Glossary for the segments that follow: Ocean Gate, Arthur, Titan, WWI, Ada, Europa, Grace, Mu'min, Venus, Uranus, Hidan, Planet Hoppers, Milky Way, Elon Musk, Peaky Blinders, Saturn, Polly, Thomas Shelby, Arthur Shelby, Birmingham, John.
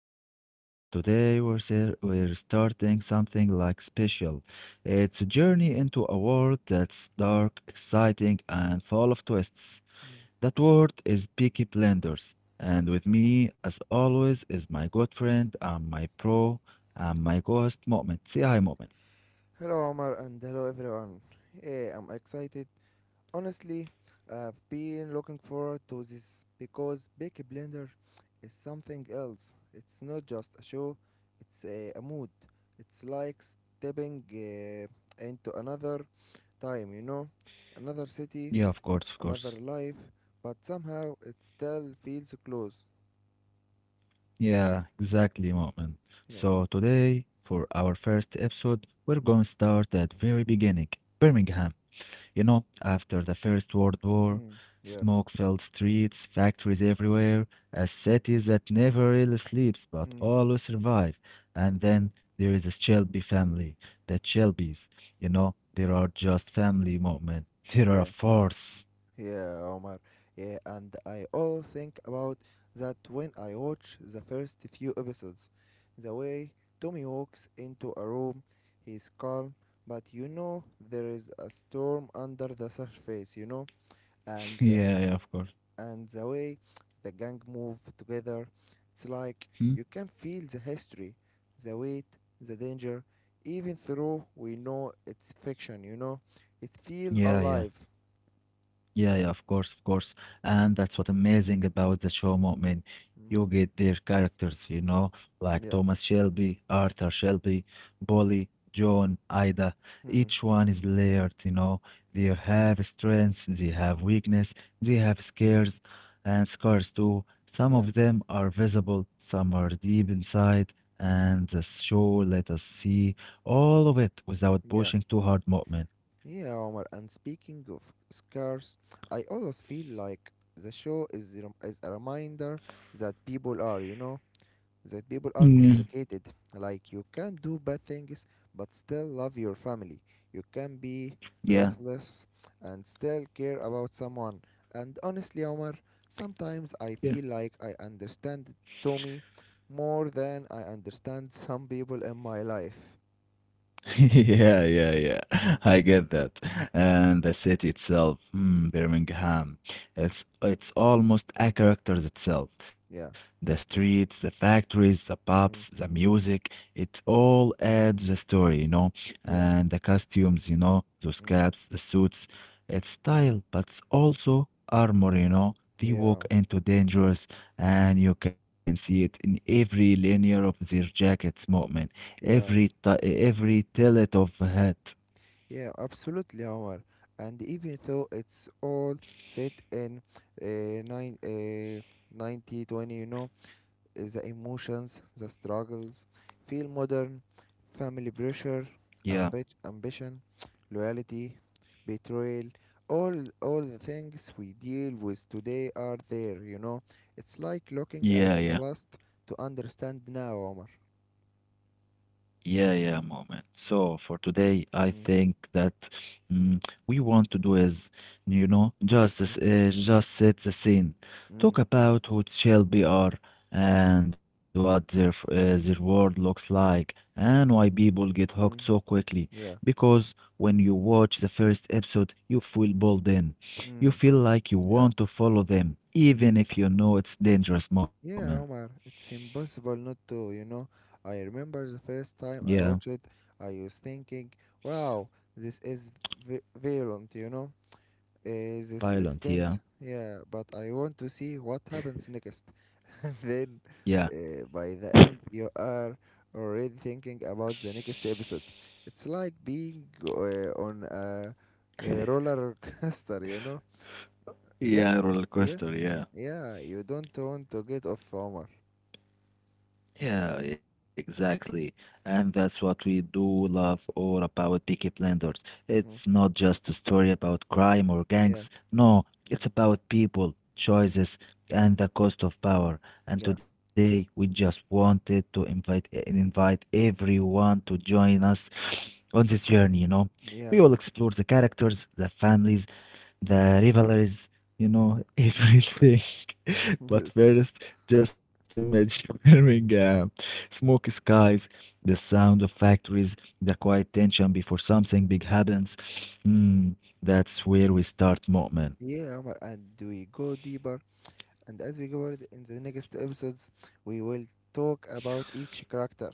I'm Omar, and today we're starting something like special. It's a journey Mm, into a world that's dark, exciting, and full of twists. yeah. That word is Peaky Blenders. And with me, as always, is my good friend and my co-host, Moment. Say hi, Moment. Hello, Omar, and hello, everyone. Yeah, I'm excited. Honestly, I've been looking forward to this because Peaky Blender is something else. It's not just a show, it's a mood. It's like stepping into another time, you know? Another city, Yeah, of course, of another course. life, but somehow it still feels close. Yeah, exactly, Moment. So Yeah. today, for our first episode, we're going to start at very beginning. Birmingham. You know, after the First World War, Mm, yeah. smoke filled streets, factories everywhere, a city that never really sleeps but Mm, always survives. And then there is the Shelby family, the Shelbys. You know, there are just family moment. There are a yeah. force. Yeah, Omar. Yeah, and I all think about that when I watch the first few episodes. The way Tommy walks into a room, he's calm, but you know there is a storm under the surface, you know? And the, Yeah, yeah, of course. and the way the gang move together, it's like Hmm? you can feel the history, the weight, the danger, even though we know it's fiction, you know? It feels Yeah, yeah. alive. Yeah, yeah, of course, of course. And that's what amazing about the show, Mu'min. Mm. You get their characters, you know, like Yeah. Thomas Shelby, Arthur Shelby, Polly, John, Ida. Hmm. Each one is layered, you know. They Yeah. have strengths, they have weakness, they have scares and scars too. Some Yeah, of them are visible, some are deep inside, and the show let us see all of it without yeah, pushing too hard, Mu'min. yeah, Omar. And speaking of scars, I always feel like the show is a reminder that people are, you know, that people are Mm, complicated. Like you can do bad things, but still love your family. You can be yeah, ruthless and still care about someone. And honestly, Omar, sometimes I feel yeah. like I understand Tommy more than I understand some people in my life. Yeah, yeah, yeah. I get that. And the city itself, Mm. Birmingham, it's almost a character itself. Yeah. The streets, the factories, the Mm. pubs, the music, it all adds the story, you know. Yeah. And the costumes, you know, those Mm. caps, the suits, it's style, but it's also armor, you know. They Yeah, walk into dangers, and you can see it in every linear of their jackets movement. yeah, Every tillet of hat. yeah, absolutely, Omar. And even though it's all set in uh, nine, uh, 90 twenty, you know, the emotions, the struggles, feel modern, family pressure, Yeah, ambition, loyalty, betrayal, all, all the things we deal with today are there, you know. It's like looking at yeah, the yeah. past to understand now, Omar. Yeah, yeah, moment. So for today, I think Mm, that mm, we want to do is, you know, yeah. Just set the scene, Mm. talk about who Shelby are and what their world looks like, and why people get hooked so Mm, quickly. yeah. Because when you watch the first episode, you feel pulled in. You Mm. feel like you Yeah. want to follow them, even if you know it's dangerous moment. Yeah, Omar, it's impossible not to, you know. I remember the first time Yeah, I watched it, I was thinking, wow, this is violent, you know. This is violent. Yeah, tense. Yeah, but I want to see what happens next. Then, yeah. By the end, you are already thinking about the next episode. It's like being on a roller coaster, you know. Yeah, Yeah, roller yeah, coaster. Yeah, yeah. You don't want to get off, Omar. yeah, exactly. And that's what we do love all about Peaky Blinders. Mm. It's not just a story about crime or Yeah. gangs. No, it's about people, choices, Mm. and the cost of power. Yeah. And today we just wanted to invite everyone to join us on this journey. You know, Yeah. we will explore the characters, the families, the rivalries, you know, Mm. everything. But first, just imagine Birmingham. Smoky skies, the sound of factories, the quiet tension before something big happens. Mm, that's where we start, Yeah, Mu'min. Omar. And we go deeper. And as we go forward in the next episodes, we will talk about each character,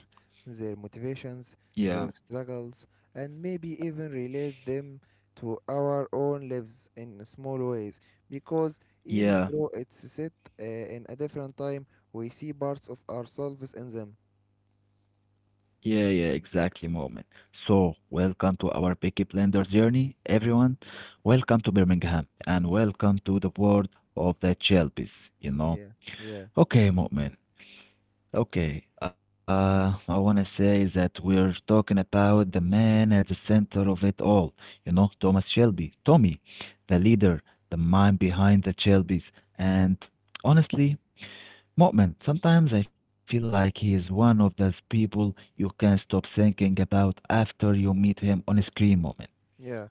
their motivations, their Yeah, struggles, and maybe even relate them to our own lives in small ways. Because even though yeah, it's set in a different time, we see parts of ourselves in them. yeah, yeah, exactly, Mu'min. So, welcome to our Picky Blenders journey, everyone. Welcome to Birmingham and welcome to the world of the Chelbies, you know. Yeah. Yeah. Okay, Mu'min. Okay, I want to say that we're talking about the man at the center of it all, you know, Thomas Shelby, Tommy, the leader, the mind behind the Shelbys, and honestly, Mo'min, sometimes I feel like he is one of those people you can't stop thinking about after you meet him on a screen, Mo'min. Yeah.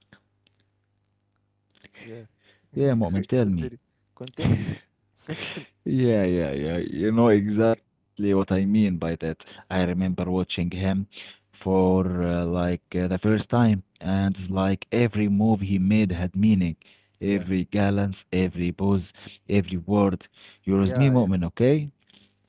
Yeah. Yeah, Mo'min, tell me, Continue. Continue. Continue. yeah, yeah, yeah. You know exactly what I mean by that. I Mm. remember watching him for the first time, and it's like every move he made had meaning. Yeah, Every glance, every pose, every word. You're with me, yeah, yeah, Mu'min, okay?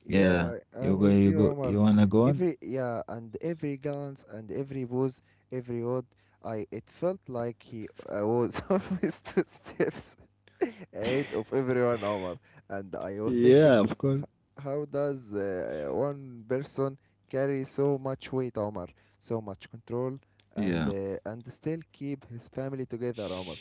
yeah. Yeah. I, You I'm go, with you you, go, Omar. you wanna go on? Every Yeah, and every glance and every pose, every word, I it felt like he I was always two steps ahead of everyone, Omar. And I was thinking, Yeah, of course. h- how does one person carry so much weight, Omar, so much control, Yeah. and still keep his family together, Omar?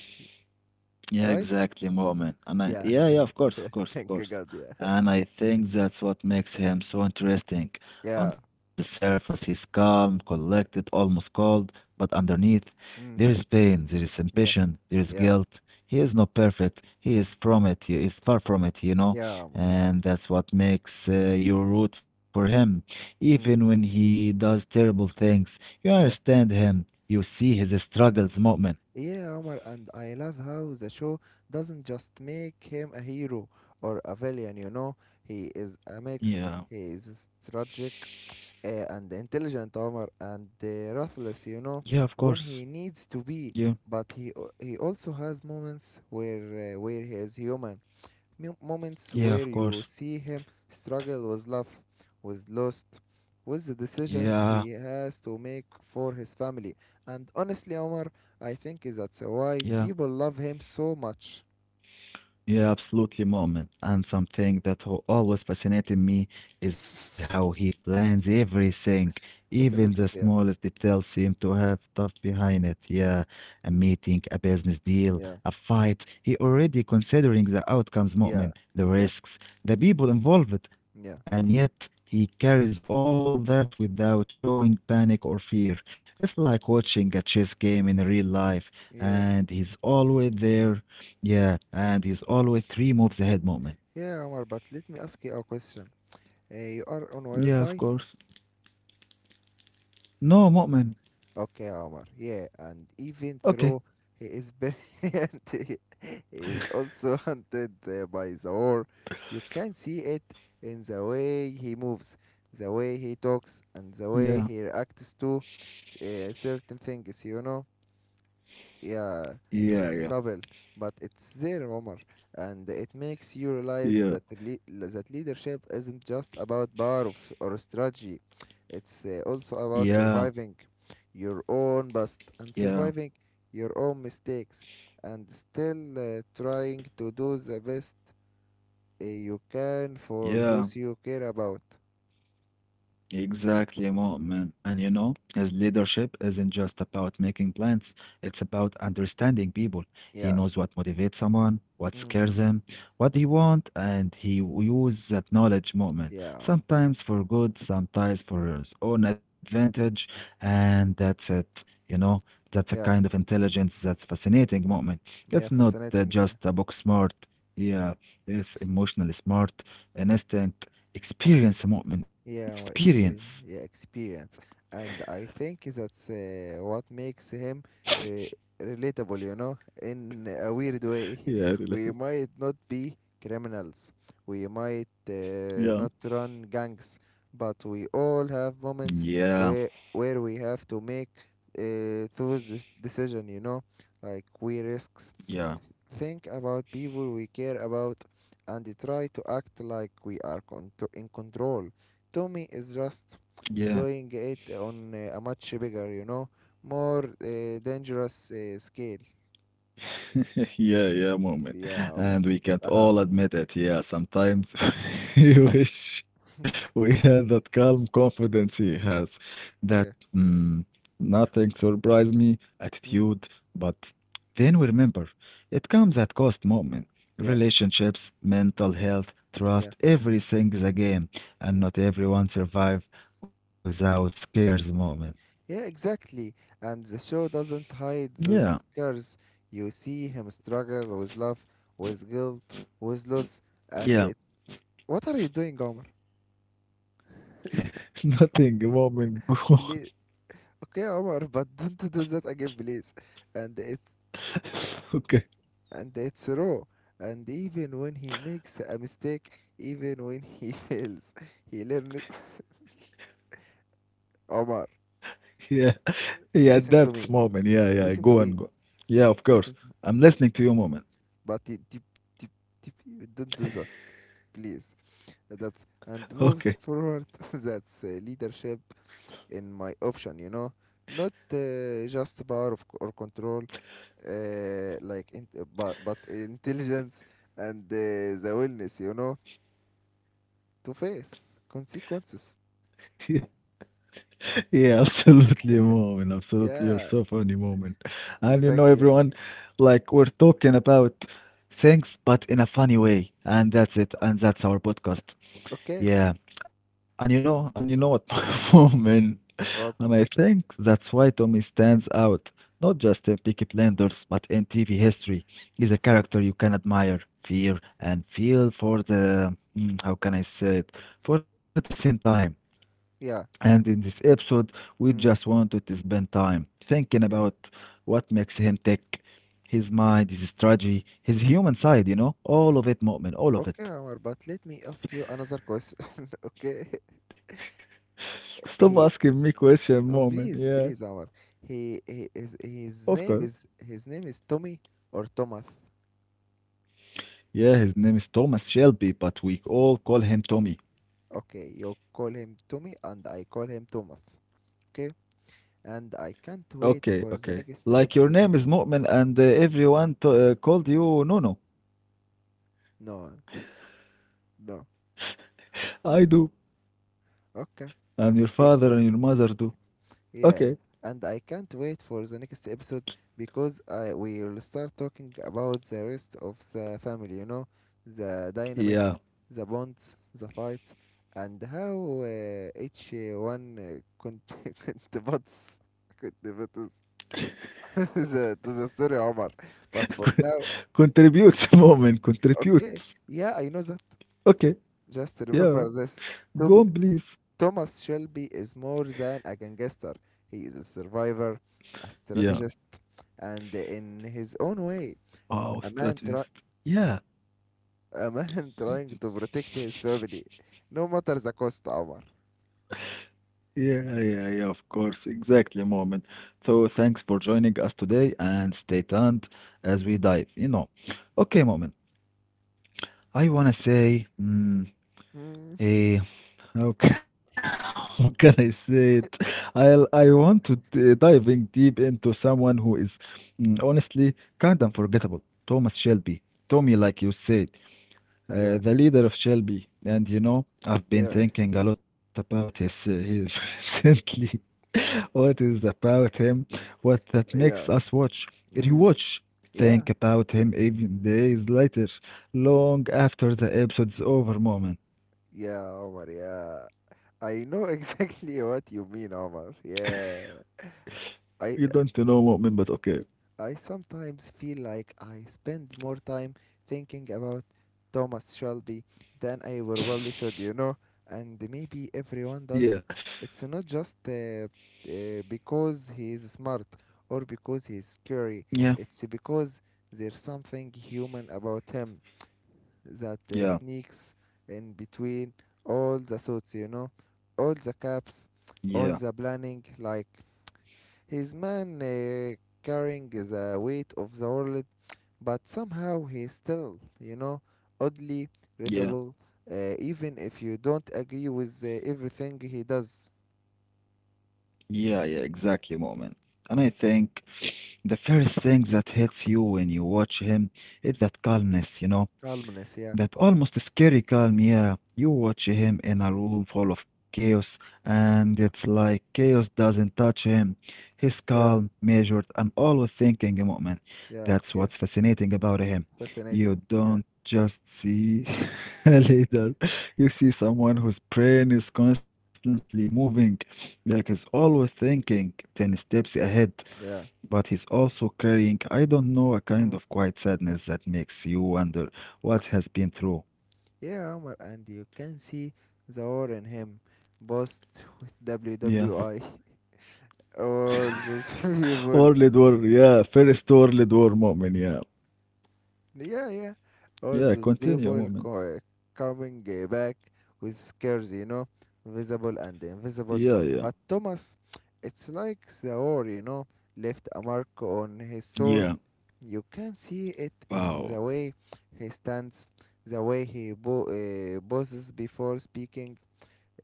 Yeah, Right? exactly, Mu'min. And I, Yeah. yeah, yeah, of course, of course, of Thank course. God. Yeah. And I think that's what makes him so interesting. On Yeah. the surface, he's calm, collected, almost cold, but underneath, there is Mm, pain, there is ambition, yeah. there is Yeah, guilt. He is not perfect. He is from it. He is far from it, you know, yeah, Omar. and that's what makes you root for him. Even when Mm, he does terrible things, you understand yeah, him. You see his struggles, Mu'min. yeah, Omar. And I love how the show doesn't just make him a hero or a villain, you know. He is a mix. Yeah, He is tragic and intelligent, Omar, and ruthless, yeah, you of know, course. when he needs to Yeah. be. But he also has moments where he is human, moments Yeah, where of you course. see him struggle with love, with loss, with the Yeah, decisions he has to make for his family. And honestly, Omar, I think that's yeah. why people love him so much. Yeah, absolutely, moment. And something that always fascinated me is how he plans everything. Even the Fascinates, smallest yeah, details seem to have stuff behind it. Yeah, a meeting, a business deal, yeah, a fight. He already considering the yeah, outcomes, moment, yeah, the risks, the people involved, yeah, and yet he carries all that without showing panic or fear. It's like watching a chess game in real life, yeah, and he's always there yeah, and he's always three moves ahead, Mu'min. yeah, Omar. But let me ask you a question. You are on Wi-Fi? Yeah, of course. No, Mu'min. Okay, Omar. Yeah, and even though Okay. he is brilliant, he is also hunted by the war. You can see it in the way he moves, the way he talks, and the Yeah. way he reacts to certain things, you know? Yeah, Yeah, yeah, it's double, but it's there, Omar, and it makes you realize yeah, that that leadership isn't just about power of, or strategy. It's also about yeah, surviving your own past and yeah, surviving your own mistakes and still trying to do the best you can for those you yeah. care about. Exactly, Mu'min. And you know, his leadership isn't just about making plans, it's about understanding people. He Yeah. knows what motivates someone, what Mm. scares him, what they want, and he uses that knowledge, Mu'min. Yeah, Omar. Sometimes for good, sometimes for his own advantage, and that's it. You know, that's a kind of Yeah. intelligence that's fascinating, Mu'min. It's Yeah. not uh, Fascinating. Yeah. just a book smart. Yeah, it's emotionally smart, an instinct. Experience يا Yeah, well, experience. experience, yeah, experience, and I think that's what makes him re relatable, you know, in a weird way. Yeah, relatable. We might not be criminals, we might Yeah. not run gangs, but we all have Yeah, moments where we have to make those de decision, you know, like we risks. yeah, Think about people we care about and try to act like we are contro in control Tommy is just yeah. doing it on a much bigger, you know, more dangerous scale. Yeah, yeah, moment. Yeah, Omar. And we can't Haha. all admit it. Yeah, sometimes we wish we had that calm confidence he has, that Yeah. mm, nothing surprised me attitude. Mm. But then we remember it comes at cost, moment. Yeah. Relationships, Mm. mental health, Yeah. trust, everything is a game, and Mm. not everyone survive without scares, moment. Yeah, exactly. And the show doesn't hide Yeah, those scars. You see him struggle with love, with guilt, with loss, and it. yeah. What are you doing, Omar? Nothing, moment. Please. Okay, Omar, but don't do that again, please. And it Okay, and it's raw. And even when he makes a mistake, even when he fails, he learns. Omar, yeah. Yeah, listen to that's me. moment. Yeah, yeah. Listen to Go me. and go. Yeah, of Listen to course. me. I'm listening to you, moment. But you, don't do that, please. Adapt and moves forward. Okay. That's leadership in my option, you know. Not just power of, or control, like in, but intelligence and the willingness, you know, to face consequences. Yeah, absolutely, moment. Absolutely, you're Yeah. so funny, moment. And you know, Thank you. everyone, like we're talking about things, but in a funny way. And that's it. And that's our podcast. Okay. Yeah, and you know what moment, What? and I think that's why Tommy stands out, not just in Peaky Blinders, but in TV history. He's a character you can admire, fear, and feel for the, how can I say it, for at the same time. And Yeah. in this episode, we just wanted Mm, to spend time thinking about yeah. what makes him tick, his mind, his strategy, his human side, you know, all of it, moment, all of Okay, it. Omar, but let me ask you another question. Okay. Stop asking me He question, moment. Yeah. Please, please, Omar. He is Of course. his name is his name is Tommy or Thomas. Yeah, his name is Thomas Shelby, but we all call him Tommy. Okay, you call him Tommy and I call him Thomas. Okay? And I Okay, can't okay. wait for the Like your next name is episode. Mu'min and everyone to, called you Nono. No, no. I do. Okay. And your father and Bec your mother do. Okay. Yeah, and I can't wait for the next episode because I will start talking about the rest of the family, you know, the dynamics, Yeah. the bonds, the fights, and how each one contributes the to the story, Omar. But for now, Contributes, Mu'min. okay, Contributes. yeah, I know that. Okay. Just Yeah. remember this. Tom- Go on, please. Thomas Shelby is more than a gangster. He is a survivor, a Yeah. strategist and in his own way, Oh, a man try strategist. Yeah. a man trying to protect his family, no matter the cost, Omar. Yeah, yeah, yeah, of course. Exactly, Mu'min. So thanks for joining us today and stay tuned as we dive, you know. Okay, Mu'min. I wanna say, mm, Mm. eh, how can I say it? I want to diving deep into someone who is honestly kind of unforgettable. Thomas Shelby, Tommy, like you said, Yeah, the leader of Shelby. And you know, I've been yeah, thinking a lot about his, recently. What is about him? What that makes us yeah. watch, rewatch, Mm, think yeah, about him even days later, long after the episode's over, moment. yeah, Omar, yeah. I know exactly what you mean, Omar. Yeah, You don't I know, moment, but okay. I sometimes feel like I spend more time thinking about Thomas Shelby than I probably should, you know, and maybe Yeah, everyone does. It's not just because he is smart or because he is yeah, scary, it's because there's something human about him that yeah, sneaks in between all the suits, you know, all the caps, yeah, all the planning, like his man carrying the weight of the world, but somehow he's still, you know, oddly yeah, relatable, even if you don't agree with everything he does. yeah, yeah, exactly, moment. And I think the first thing that hits you when you watch him is that calmness, you know Calmness, yeah, that almost scary calm, yeah. You watch him in a room full of chaos, and it's like chaos doesn't touch him. He's calm, yeah, measured, and always thinking, Mu'min. That's yeah, what's caves. fascinating about him. You Fascinating, yeah, don't just see a leader, you see someone whose brain is constantly moving, like he's always thinking 10 steps ahead. But yeah. he's also carrying, I don't know, a kind of Mm. quiet sadness that makes you wonder what has been through. Yeah, Omar, and you can see the war in him. Both with Yeah. WWI, all those World War, people. yeah. First World War moment, yeah. Yeah, yeah. All Yeah, those continue people moment. Coming back with scares, you know, visible and Yeah, invisible. yeah. But Thomas, it's like the war, you know, left a mark on his Yeah. soul. You can see it Wow. in the way he stands, the way he poses before speaking,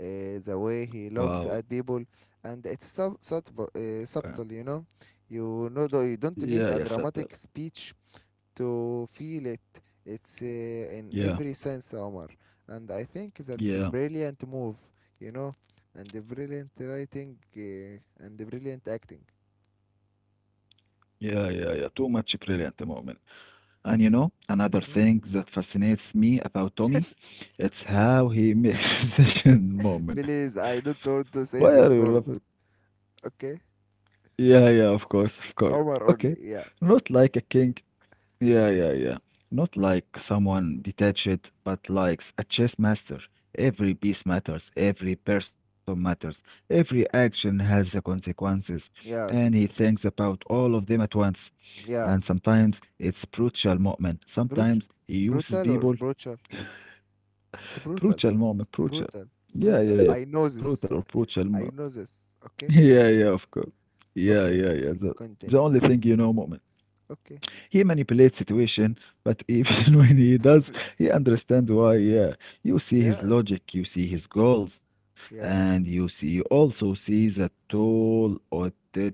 the way he Wow. looks at people, and it's subtle, Uh, subtle, you know. You know, though you yeah, yeah, don't need a Sattar. dramatic speech to feel it. It's in Yeah, every sense, Omar. And I think that's a yeah, brilliant move, you know, and a brilliant writing and a brilliant acting. yeah, yeah, yeah. Too much brilliant moment. And you know, another thing Mm. that fascinates me about Tommy, it's how he makes decision moment. Please, I don't want Why to are say you this laughing? word, okay? Yeah, yeah, of course, of course. Okay. Omar only, Not yeah. like a king. Yeah, yeah, yeah. Not like someone detached, but likes a chess master. Every piece matters, every person matters, every action has the consequences, and he Yeah, thinks Signa. about all of them at once. And Yeah. sometimes it's brutal moment. Sometimes Brut- he uses Brutal people. or brutal? It's brutal. Brutal moment, brutal. Brutal. Yeah, Brutal. yeah, yeah, I know brutal or this. brutal. I know this, Yeah, yeah, okay? of course. Yeah, yeah, yeah. Okay. The only thing you Continue. know moment. Okay. He manipulates situation, but even when he does, he understands why. Yeah, you see his Yeah. logic, you see his goals, and Yeah. You also see the toll or it takes him.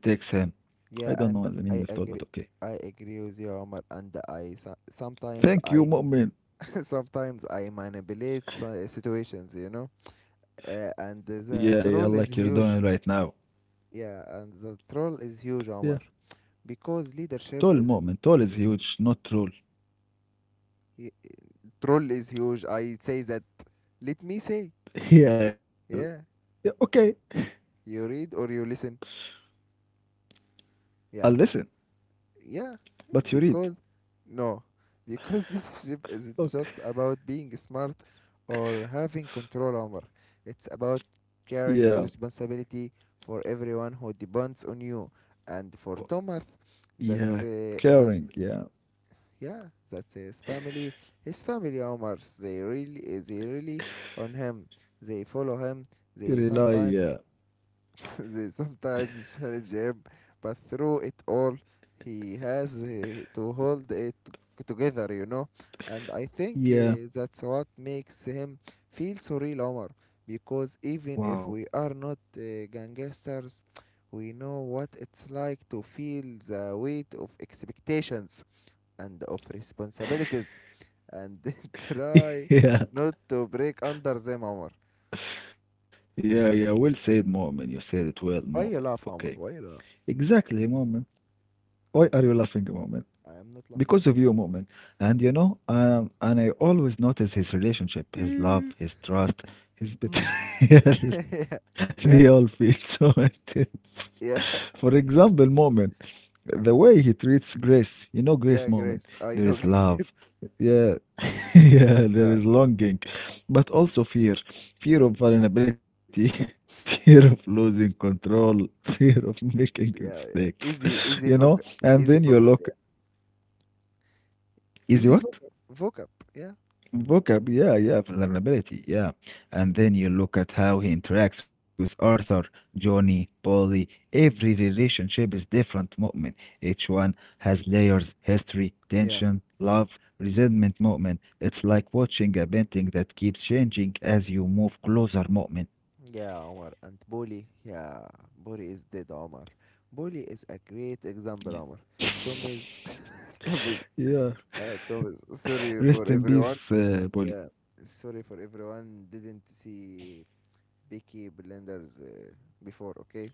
I don't know the Yeah, meaning of and toll, but I okay. agree. I agree with you, Omar. And I so- Thank sometimes you, I Mu'min. sometimes I manipulate situations, you know. And Yeah, yeah, the like you're troll is doing right huge. now. Yeah, and the troll is Yeah, huge, Omar. Because toll, leadership Mu'min. isn't. Toll is huge, not troll. y- Troll is huge. I say that. Let me say. Yeah, Yeah, yeah, okay. you read or you listen. I'll Yeah, listen, yeah, but you read. because no, because leadership isn't just Okay. about being smart or having control over. It's about carrying Yeah, responsibility for everyone who depends on you. And oh, for Thomas, yeah, that's that caring. Yeah, yeah, that's his family. His family, Omar, they really on him. They follow him. They rely. sometimes Yeah, they sometimes challenge him, but through it all, he has to hold it together, you know. And I think yeah. that's what makes him feel so real, Omar, because even if we Wow. are not gangsters, we know what it's like to feel the weight of expectations and of responsibilities and try Yeah, not to break under them, Omar. yeah, yeah. Well said, Moment. You said it well, Moment. Why you Okay, laugh, Omar? Why you laugh? exactly, Moment. Why are you laughing, Moment? I am not Because of laughing, you, Moment. And you know, and I always notice his relationship, his Omar. love, his trust, his Mm. betrayal. yeah, They all yeah, feel so intense. yeah, For example, Moment, the way he treats Grace. You know, Grace, yeah, Moment. Grace. There is I know. love. Yeah, yeah, there yeah, is longing, but also fear, fear of vulnerability, fear of losing control, fear of making mistakes, yeah, yeah. you know? Easy, And then you look, easy fuck up. Yeah, is easy what? fuck vocab. Yeah, Book up, yeah, yeah, vulnerability, yeah. And then you look at how he interacts with Arthur, Johnny, Polly. Every relationship is different, Mu'min. Each one has layers, history, tension, yeah, love, resentment, Mu'min. It's like watching a painting that keeps changing as you move closer, Mu'min. yeah. Omar and Bully. Yeah, Bully is dead, Omar. Bully is a great Yeah. example, Omar. Tom is, Tom is, Yeah. Tom is. Sorry for Rest in everyone. peace, Yeah, Polly. sorry for everyone. Didn't see Becky Blenders before. Okay,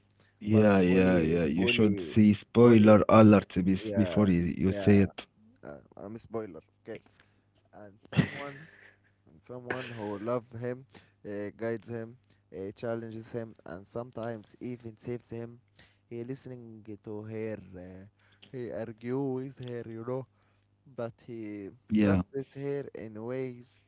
but Yeah, yeah, Bully, yeah. You should Bully. see Bully. spoiler alert Yeah, before you yeah. say it. I'm a spoiler. Okay, and someone, and someone who love him, guides him, challenges him, and sometimes even saves him. He listening to her. He argue with her, you know, but he trusts Yeah, her in ways.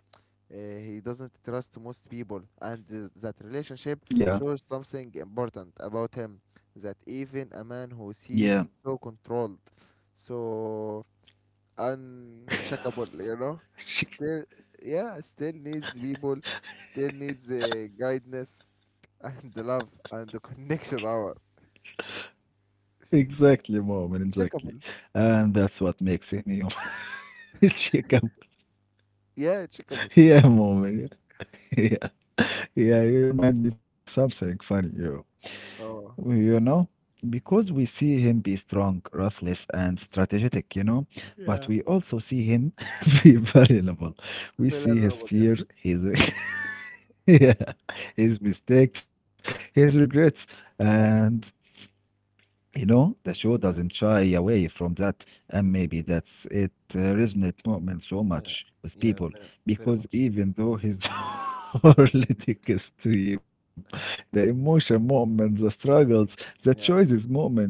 He doesn't trust most people, and that relationship shows yeah, something important about him. That even a man who yeah. seems so controlled, so unshakable, you know. Still, yeah, still needs people, still needs guidance and the love and the connection. Our Exactly, Mu'min, exactly. checkable, And that's what makes him human. Shikam. yeah, checkable. Yeah, Mu'min. Yeah, yeah, you remind me of something funny, you. Oh. You know, because we see him be strong, ruthless, and strategic, you know, but we Yeah. also see him be vulnerable. We see his Vulnerable, yeah. fear, his, yeah, his mistakes, his regrets, and you know, the show doesn't shy Yeah, away from that, and maybe that's it, uh, resonate Mu'min so much yeah, with people yeah, very, very because much. even though his politic extreme, the emotion Mu'min, the struggles, the Yeah, choices Mu'min,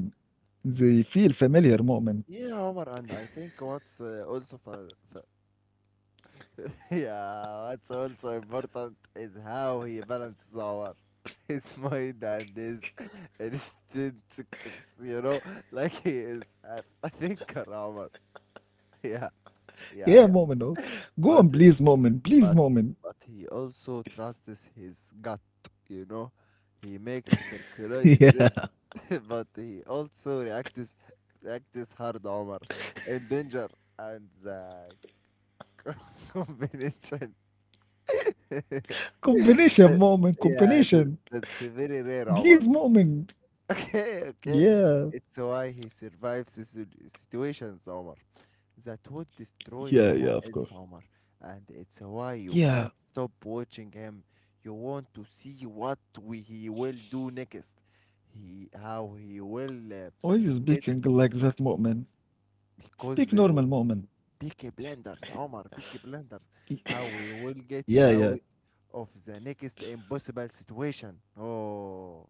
they feel familiar Mu'min. yeah, Omar, and I think what's also fa yeah, what's also important is how he balances our his mind and his instincts, you know, like he is a thinker, Omar. Yeah, yeah, Yeah, yeah. Mu'min, oh. But Go on, please, Mu'min, but please, but Mu'min. he also trusts his gut, you know. He makes calculated Yeah, risks, but he also reacts hard, Omar, in danger and the combination. combination That Mu'min, yeah, that combination, that's very rare, please, Omar. Mu'min. Okay, Yeah, okay. It's why he survives the situations, Omar, that would destroy yeah, yeah, someone of else, course. Omar. And it's why you can't Yeah. stop watching him. You want to see what he will do next. How he will Why you get, speaking like that, Mu'min? because Speak normal, Mu'min. Peaky Blinders, Omar, Peaky Blinders, how we will get out Yeah, yeah. of the next impossible situation. Oh,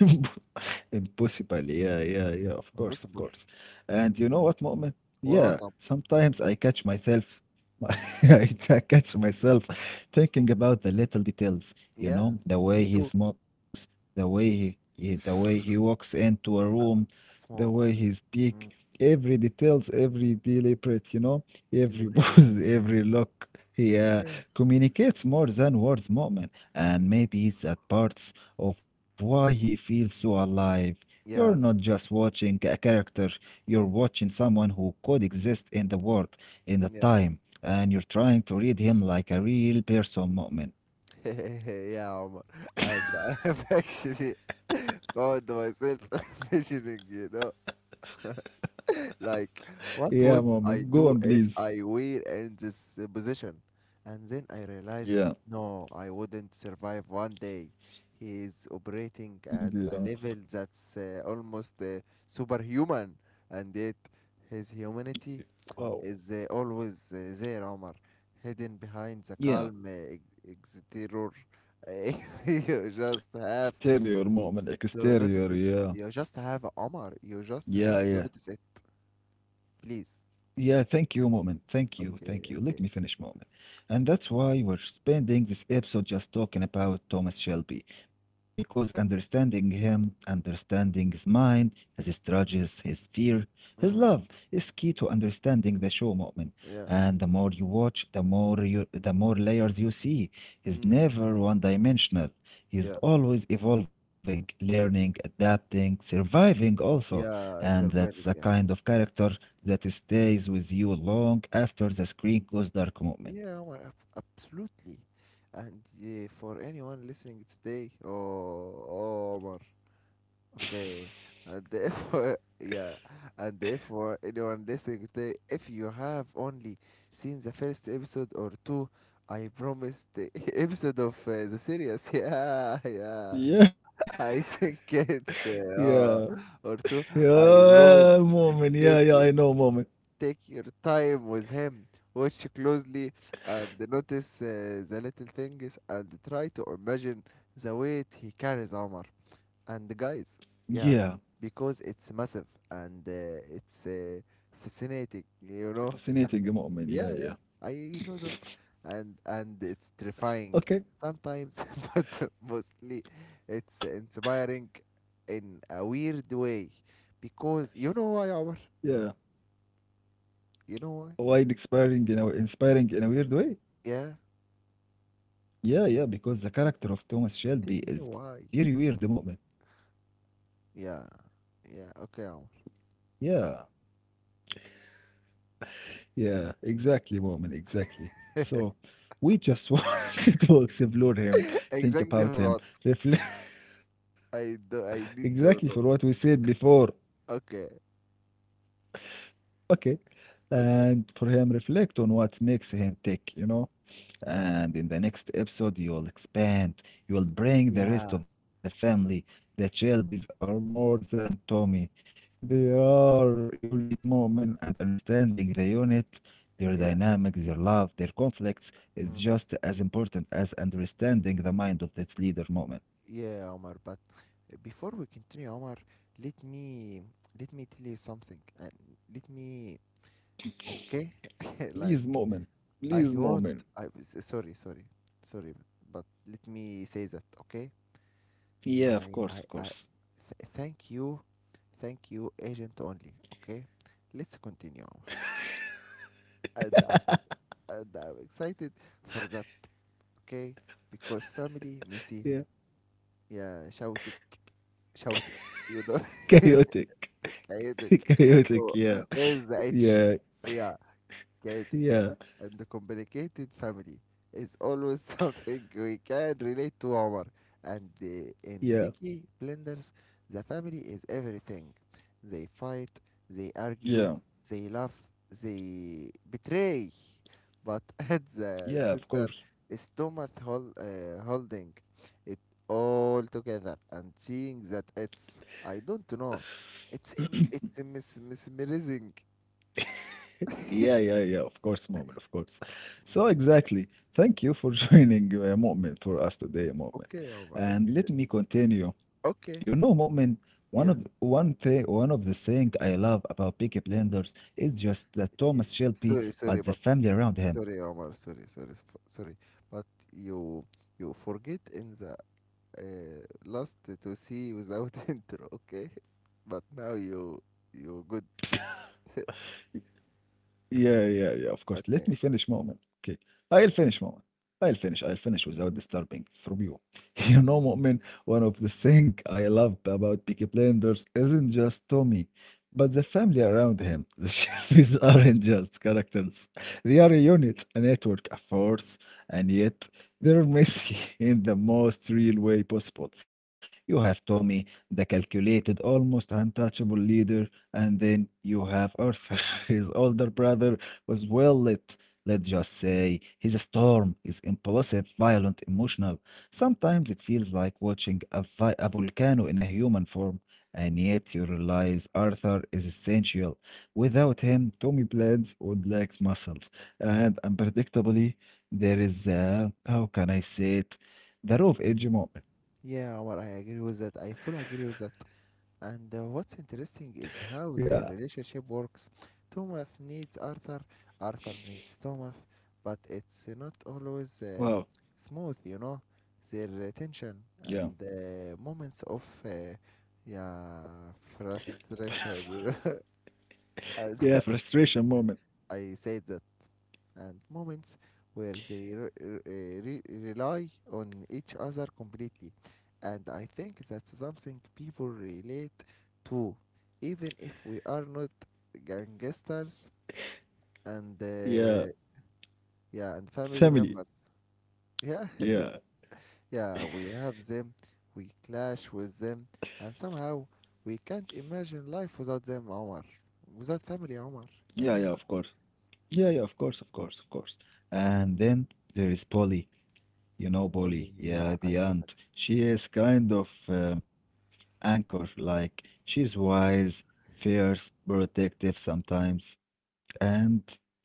Impossible. Yeah, yeah, yeah. Of course, of course. impossible. And you know what, Mu'min? Yeah, What up? sometimes I catch myself. I catch myself thinking about the little details. Yeah, You know, me the too. way he smokes, the way he the way he walks into a room, the way Smoke. he speak. Mm. Every details, every deliberate. You know, every Deliberate. pose, every look. He Yeah. communicates more than words, Mu'min. And maybe that part of why he feels so alive. You're not just Yeah. watching a character, you're watching Mm. someone who could exist in the world, in the Yeah. time, and you're trying to read him like a real person, Mu'min. yeah, Omar. And I've actually found myself visioning, you know. Like, Yeah, what moment. would Go on, I do please. if I were in this position? And then I realized, Yeah. no, I wouldn't survive one day. He is operating Yeah. at a level that's almost superhuman, and yet his humanity Wow. is always there, Omar, hidden behind the Yeah. calm exterior. You just have Exterior, moment. Exterior. to Yeah. notice it. You just have, Omar, Yeah. you Yeah. just have to notice it, please. Yeah, thank you, moment. Thank you, thank you. Okay, Let me okay. finish, moment. And that's why we're spending this episode just talking about Thomas Shelby, because understanding him, understanding his mind, his struggles, his fear, his love Mm, is key to understanding the show, moment. And yeah. the more you watch, the more layers you see. He's Mm, never one-dimensional. He's yeah. always evolving, learning, adapting, surviving also. And Yeah, that's a kind surviving. of Yeah. character that stays with you long after the screen goes dark moment. Yeah, Omar, absolutely. And yeah, for anyone listening today, oh, oh, Omar. Okay. And if, yeah, and if for anyone listening today, if you have only seen the first episode or two, I promise the episode of the series. Yeah, yeah. Yeah, I think it's oh, yeah, or two. I promise. yeah, moment. Yeah, Take yeah, I know moment. Take your time with him. Watch closely and notice the little things and try to imagine the weight he carries, Omar. And the guys, yeah, Yeah, because it's massive and it's fascinating, you know? fascinating moment. Yeah, Yeah, yeah, yeah. I know that. And it's terrifying Okay, sometimes, but mostly it's inspiring in a weird way. Because you know why, Omar? yeah. You know why? Wide inspiring in a weird way. Yeah, Yeah, yeah, because the character of Thomas tell Shelby me is very why. weird moment. Yeah, yeah, okay. Omar. Yeah. Yeah, exactly, moment, exactly. So we just wanted to explore him, think Exactly, about him, Murat. reflect I do, I need exactly for to what we know. said before. Okay, Okay. And okay. for him, reflect on what makes him tick, you know? Yeah, And in the next episode, you'll expand. You'll bring the rest yeah, of the family. The Shelbys are more than Tommy. They are unit moment and understanding the unit, their dynamics, their yeah, love, their conflicts is just mm. as important as understanding the mind of that leader moment. Yeah, Omar. But eh, before we continue, Omar, let me let me tell you something, and let me, okay? Like Please, moment. I Please, want. Moment. Sorry, sorry, sorry, but let me say that, okay? I Yeah, of I course, I of course. th thank you, agent only. Okay, let's continue. and I'm, and I'm excited for that, okay? Because family Messi, Yeah. yeah, shouting, you know, Chaotic. كأنك. Chaotic, Oh, yeah. where's the H? Yeah, Yeah, chaotic, yeah. yeah, And the complicated family is always something we can relate to, Omar. And in yeah. Peaky Blinders, the family is everything. They fight, they Yeah, argue, they love, they betray. But at yeah, the of center course. is Thomas holding it all together, and seeing that, it's, I don't know, it's mesmerizing. Yeah, yeah, yeah, of course, Mu'min, of course. So, exactly. Thank you for joining Mu'min for us today, Mu'min. Okay, Omar, And okay. let me continue. You know, Okay. Mu'min, Yeah. One of the things I love about Peaky Blinders is just that Thomas Eh, Shelby, but the sorry, sorry, family but around him. sorry, Omar. Sorry, sorry, sorry. But you you forget in the last to see without intro, okay? But now you good. Yeah, yeah, yeah, of course. Let me finish Okay. moment. Okay. I'll finish moment. I'll finish. I'll finish without disturbing from you. You know, Mu'min, one of the things I love about Peaky Blinders isn't just Tommy, but the family around him. The sheriffs aren't just characters. They are a unit, a network, a force, and yet they're messy in the most real way possible. You have Tommy, the calculated, almost untouchable leader, and then you have Arthur, his older brother, was well lit. Let's just say he's a storm, is impulsive, violent, emotional. Sometimes it feels like watching a, a volcano in a human form, and yet you realize Arthur is essential. Without him, Tommy blends on black muscles. And unpredictably, there is a, how can I say it? The rough edge moment. Yeah, Omar, I agree with that. I fully agree with that. And what's interesting is Yeah. how their relationship works. Thomas needs Arthur, Arthur needs Thomas, but it's not Wow. always smooth, you know. Their tension Yeah. and moments of yeah, frustration, you know. and Yeah, frustration moment. I said that. And moments where they rely on each other completely. And I think that's something people relate to, even if we are not gangsters and Yeah. Yeah, and family Family. members. Yeah, Yeah. yeah, we have them, we clash with them, and somehow we can't imagine life without them, Omar. Without family, Omar. Yeah, yeah, of Yeah. course. Yeah, yeah, of course, of course, of course. And then there is Polly. You know Fully, Polly. yeah, Yeah, I the know that. aunt. She is kind of anchor. Like she's wise, fierce, protective sometimes. And you know,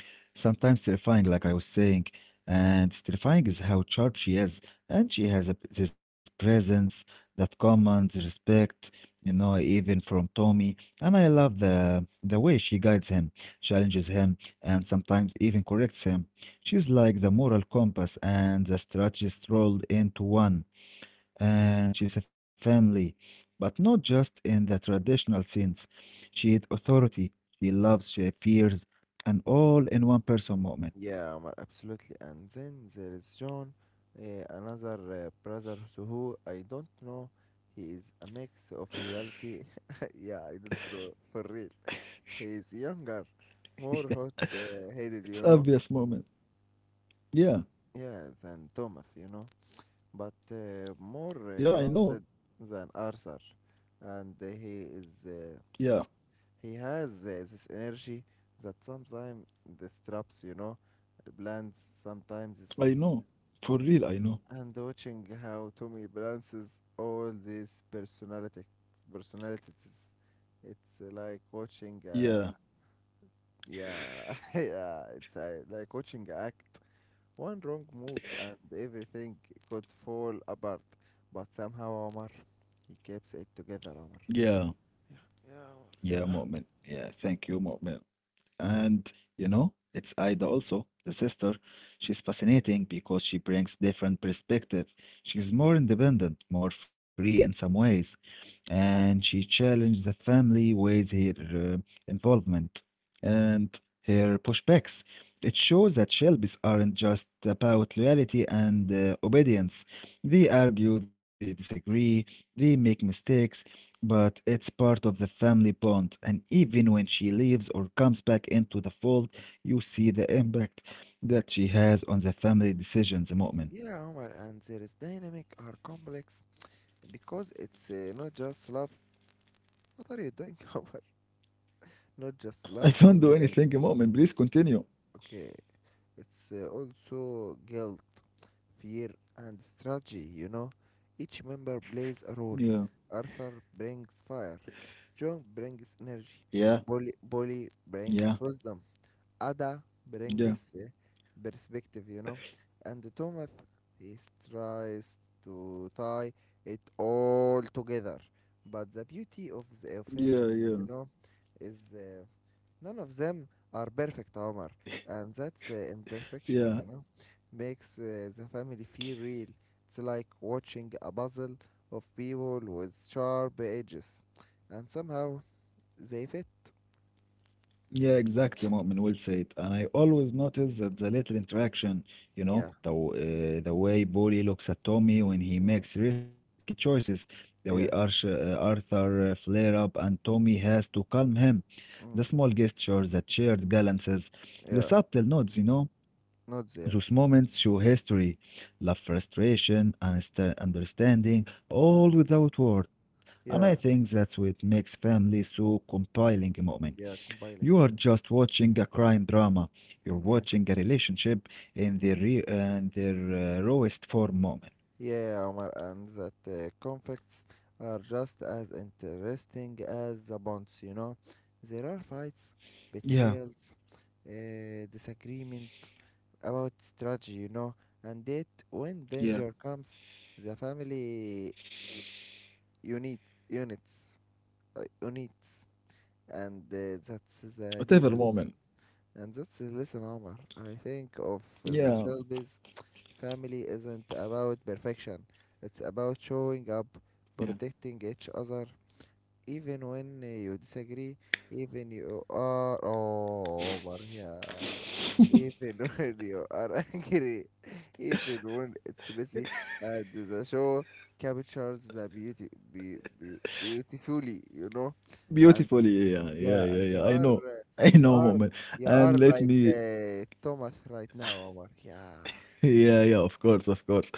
sometimes terrifying, like I was saying. And it's terrifying is how charged she is. And she has a, this presence that commands respect, you know, even from Tommy. And I love the way she guides him, challenges him, and sometimes even corrects him. She's like the moral compass and the strategist rolled into one and she's a family, but not just in the traditional sense. She is authority, she loves, she fears, and all in one person moment. Yeah, Omar, absolutely. And then there is John, another brother so who I don't know. He is a mix of loyalty. yeah, I don't know for real. He is younger, more It's hot-headed, you obvious know. moment. Yeah, Yeah, than Thomas, you know, but more yeah, I know. grounded than Arthur, and Yeah, he has this energy that sometimes distracts, you know, plans sometimes, I know. For real, I know. and watching how Tommy balances all these personality personalities. It's like Yeah, watching yeah, yeah it's like watching a act. One wrong move and everything could fall apart. But somehow, Omar, he keeps it together, yeah, Omar. yeah, moment. Yeah, thank you, moment. And you know, it's Aida also, the sister. She's fascinating because she brings different perspective. She's more independent, more free in some ways, and she challenges the family with her involvement and her pushbacks. It shows that Shelby's aren't just about loyalty and obedience. They argue, they disagree, they make mistakes, but it's part of the family bond, and even when she leaves or comes back into the fold, you see the impact that she has on the family decisions, Mu'min. Yeah, Omar, and there is dynamic are complex because it's not just love. What are you doing, Omar? Not I just can't do love or anything, Mu'min. Please continue. okay. It's also guilt, fear, and strategy, you know. Each member plays a Yeah, role. Arthur brings fire, John brings yeah, energy, Bolly yeah, brings wisdom, Ada yeah, brings perspective, you know. And Thomas, he tries to tie it all together. But the beauty of yeah, the yeah, effect, you know, is none of them are perfect, Omar, and that's yeah. imperfection, you know, makes the family feel real. It's like watching a puzzle of people with sharp edges, and somehow they fit. Yeah, exactly, Mu'min. Well said. And I always notice that the little interaction, you know, Yeah. The way Bully looks at Tommy when he Mm. makes risky choices, the way Yeah. Arthur flare up and Tommy has to calm him, Mm. the small gestures, the shared glances, the Yeah. subtle nods, you know, Not there. those moments show history, love, frustration, and understanding, Uh, all without word. And I think yeah. that's what makes family so compelling, Mu'min. Yeah. You are Compiling. Yeah. just watching a crime drama. You're Mm, yeah. watching a relationship in their re- and their rawest form moment. Yeah, Omar, and that conflicts are just as interesting as the bonds, you know. There are fights, Yeah, betrayals, disagreement about strategy, you know, and yet when yeah. danger comes, the family unit units units, and that's Whatever the moment. le- lesson and that's the lesson, Omar. I think of the Yeah, Shelby's family isn't about perfection. It's about showing up, yeah. protecting each other, even when you disagree, even you are oh, Omar, yeah. Even when you are angry, even when it's messy, and the show captures the beauty, beautifully, you know. Beautifully. And Yeah, yeah, yeah, yeah. yeah, I and know. you are I know, you moment. are And you let are me. like Thomas right now, Omar. Yeah. Yeah, yeah, of course, of course.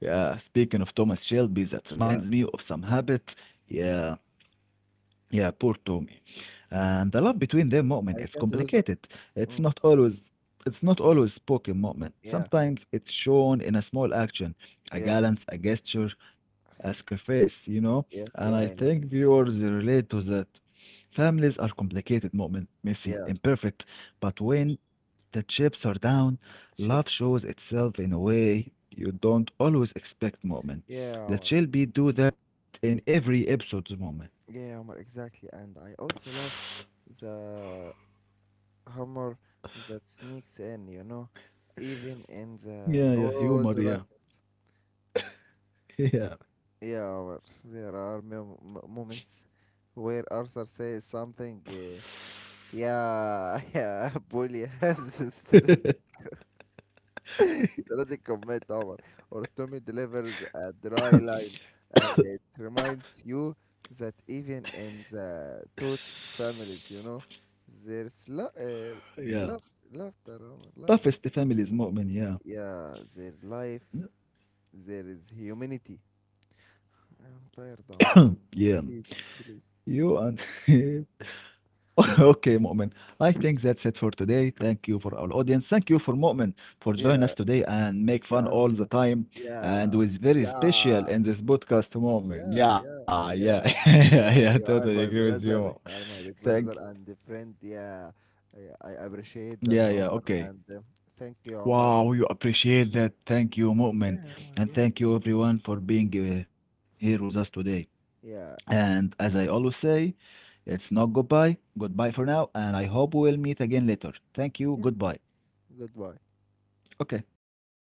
Yeah, speaking of Thomas Shelby, that Yeah, reminds me of some habits. Yeah. Yeah, poor Tommy. And the love between them, Mu'min, it's I can't do complicated. that. It's not Mm. always it's not always spoken, Mu'min. Yeah, Sometimes it's shown in a small action, a yeah, glance, a gesture, a sacrifice, you know? And yeah, I think yeah. I know. viewers relate to that. Families are complicated, Mu'min, messy, Yeah, imperfect. But when the chips are down, love chips. shows itself in a way you don't always expect, Mu'min. Yeah, That Omar. shall be do that in every episode's Mu'min. Yeah, Omar. Exactly. And I also love the humor that sneaks in. You know, even in the Yeah, yeah, all humor, the yeah, darkness. yeah, Yeah, Omar. There are moments where Arthur says something. Yeah, يا بولي has a strategic combat tower or Tommy delivers a dry line, and it reminds you that even in the toad families, you know, there's yeah. love laughter or laughter, Toughest families, Mu'min, yeah, yeah, their life, there is humanity. I'm tired, Omar, yeah. please, please. You and okay, Mu'min. I think that's it for today. Thank you for our audience. Thank you for Mu'min for joining Yeah, us today and make yeah, fun I all welcome. the time. Yeah, And was very special yeah. in this podcast, Mu'min. Yeah, yeah, Yeah, yeah, yeah, yeah, yeah. yeah. Totally You agree are with my you. Mu'min. brother. You are my Thank. big brother and friend. Yeah, yeah. I appreciate Yeah, that, yeah. Omar. Okay. And thank you, Omar. Wow, you appreciate that. Thank you, Mu'min. Yeah, Omar. And Yeah, thank you, everyone, for being here with us today. yeah, And as I always say, it's not goodbye. Goodbye for now, and I hope we'll meet again later. Thank you. yeah. Goodbye. Goodbye. Okay.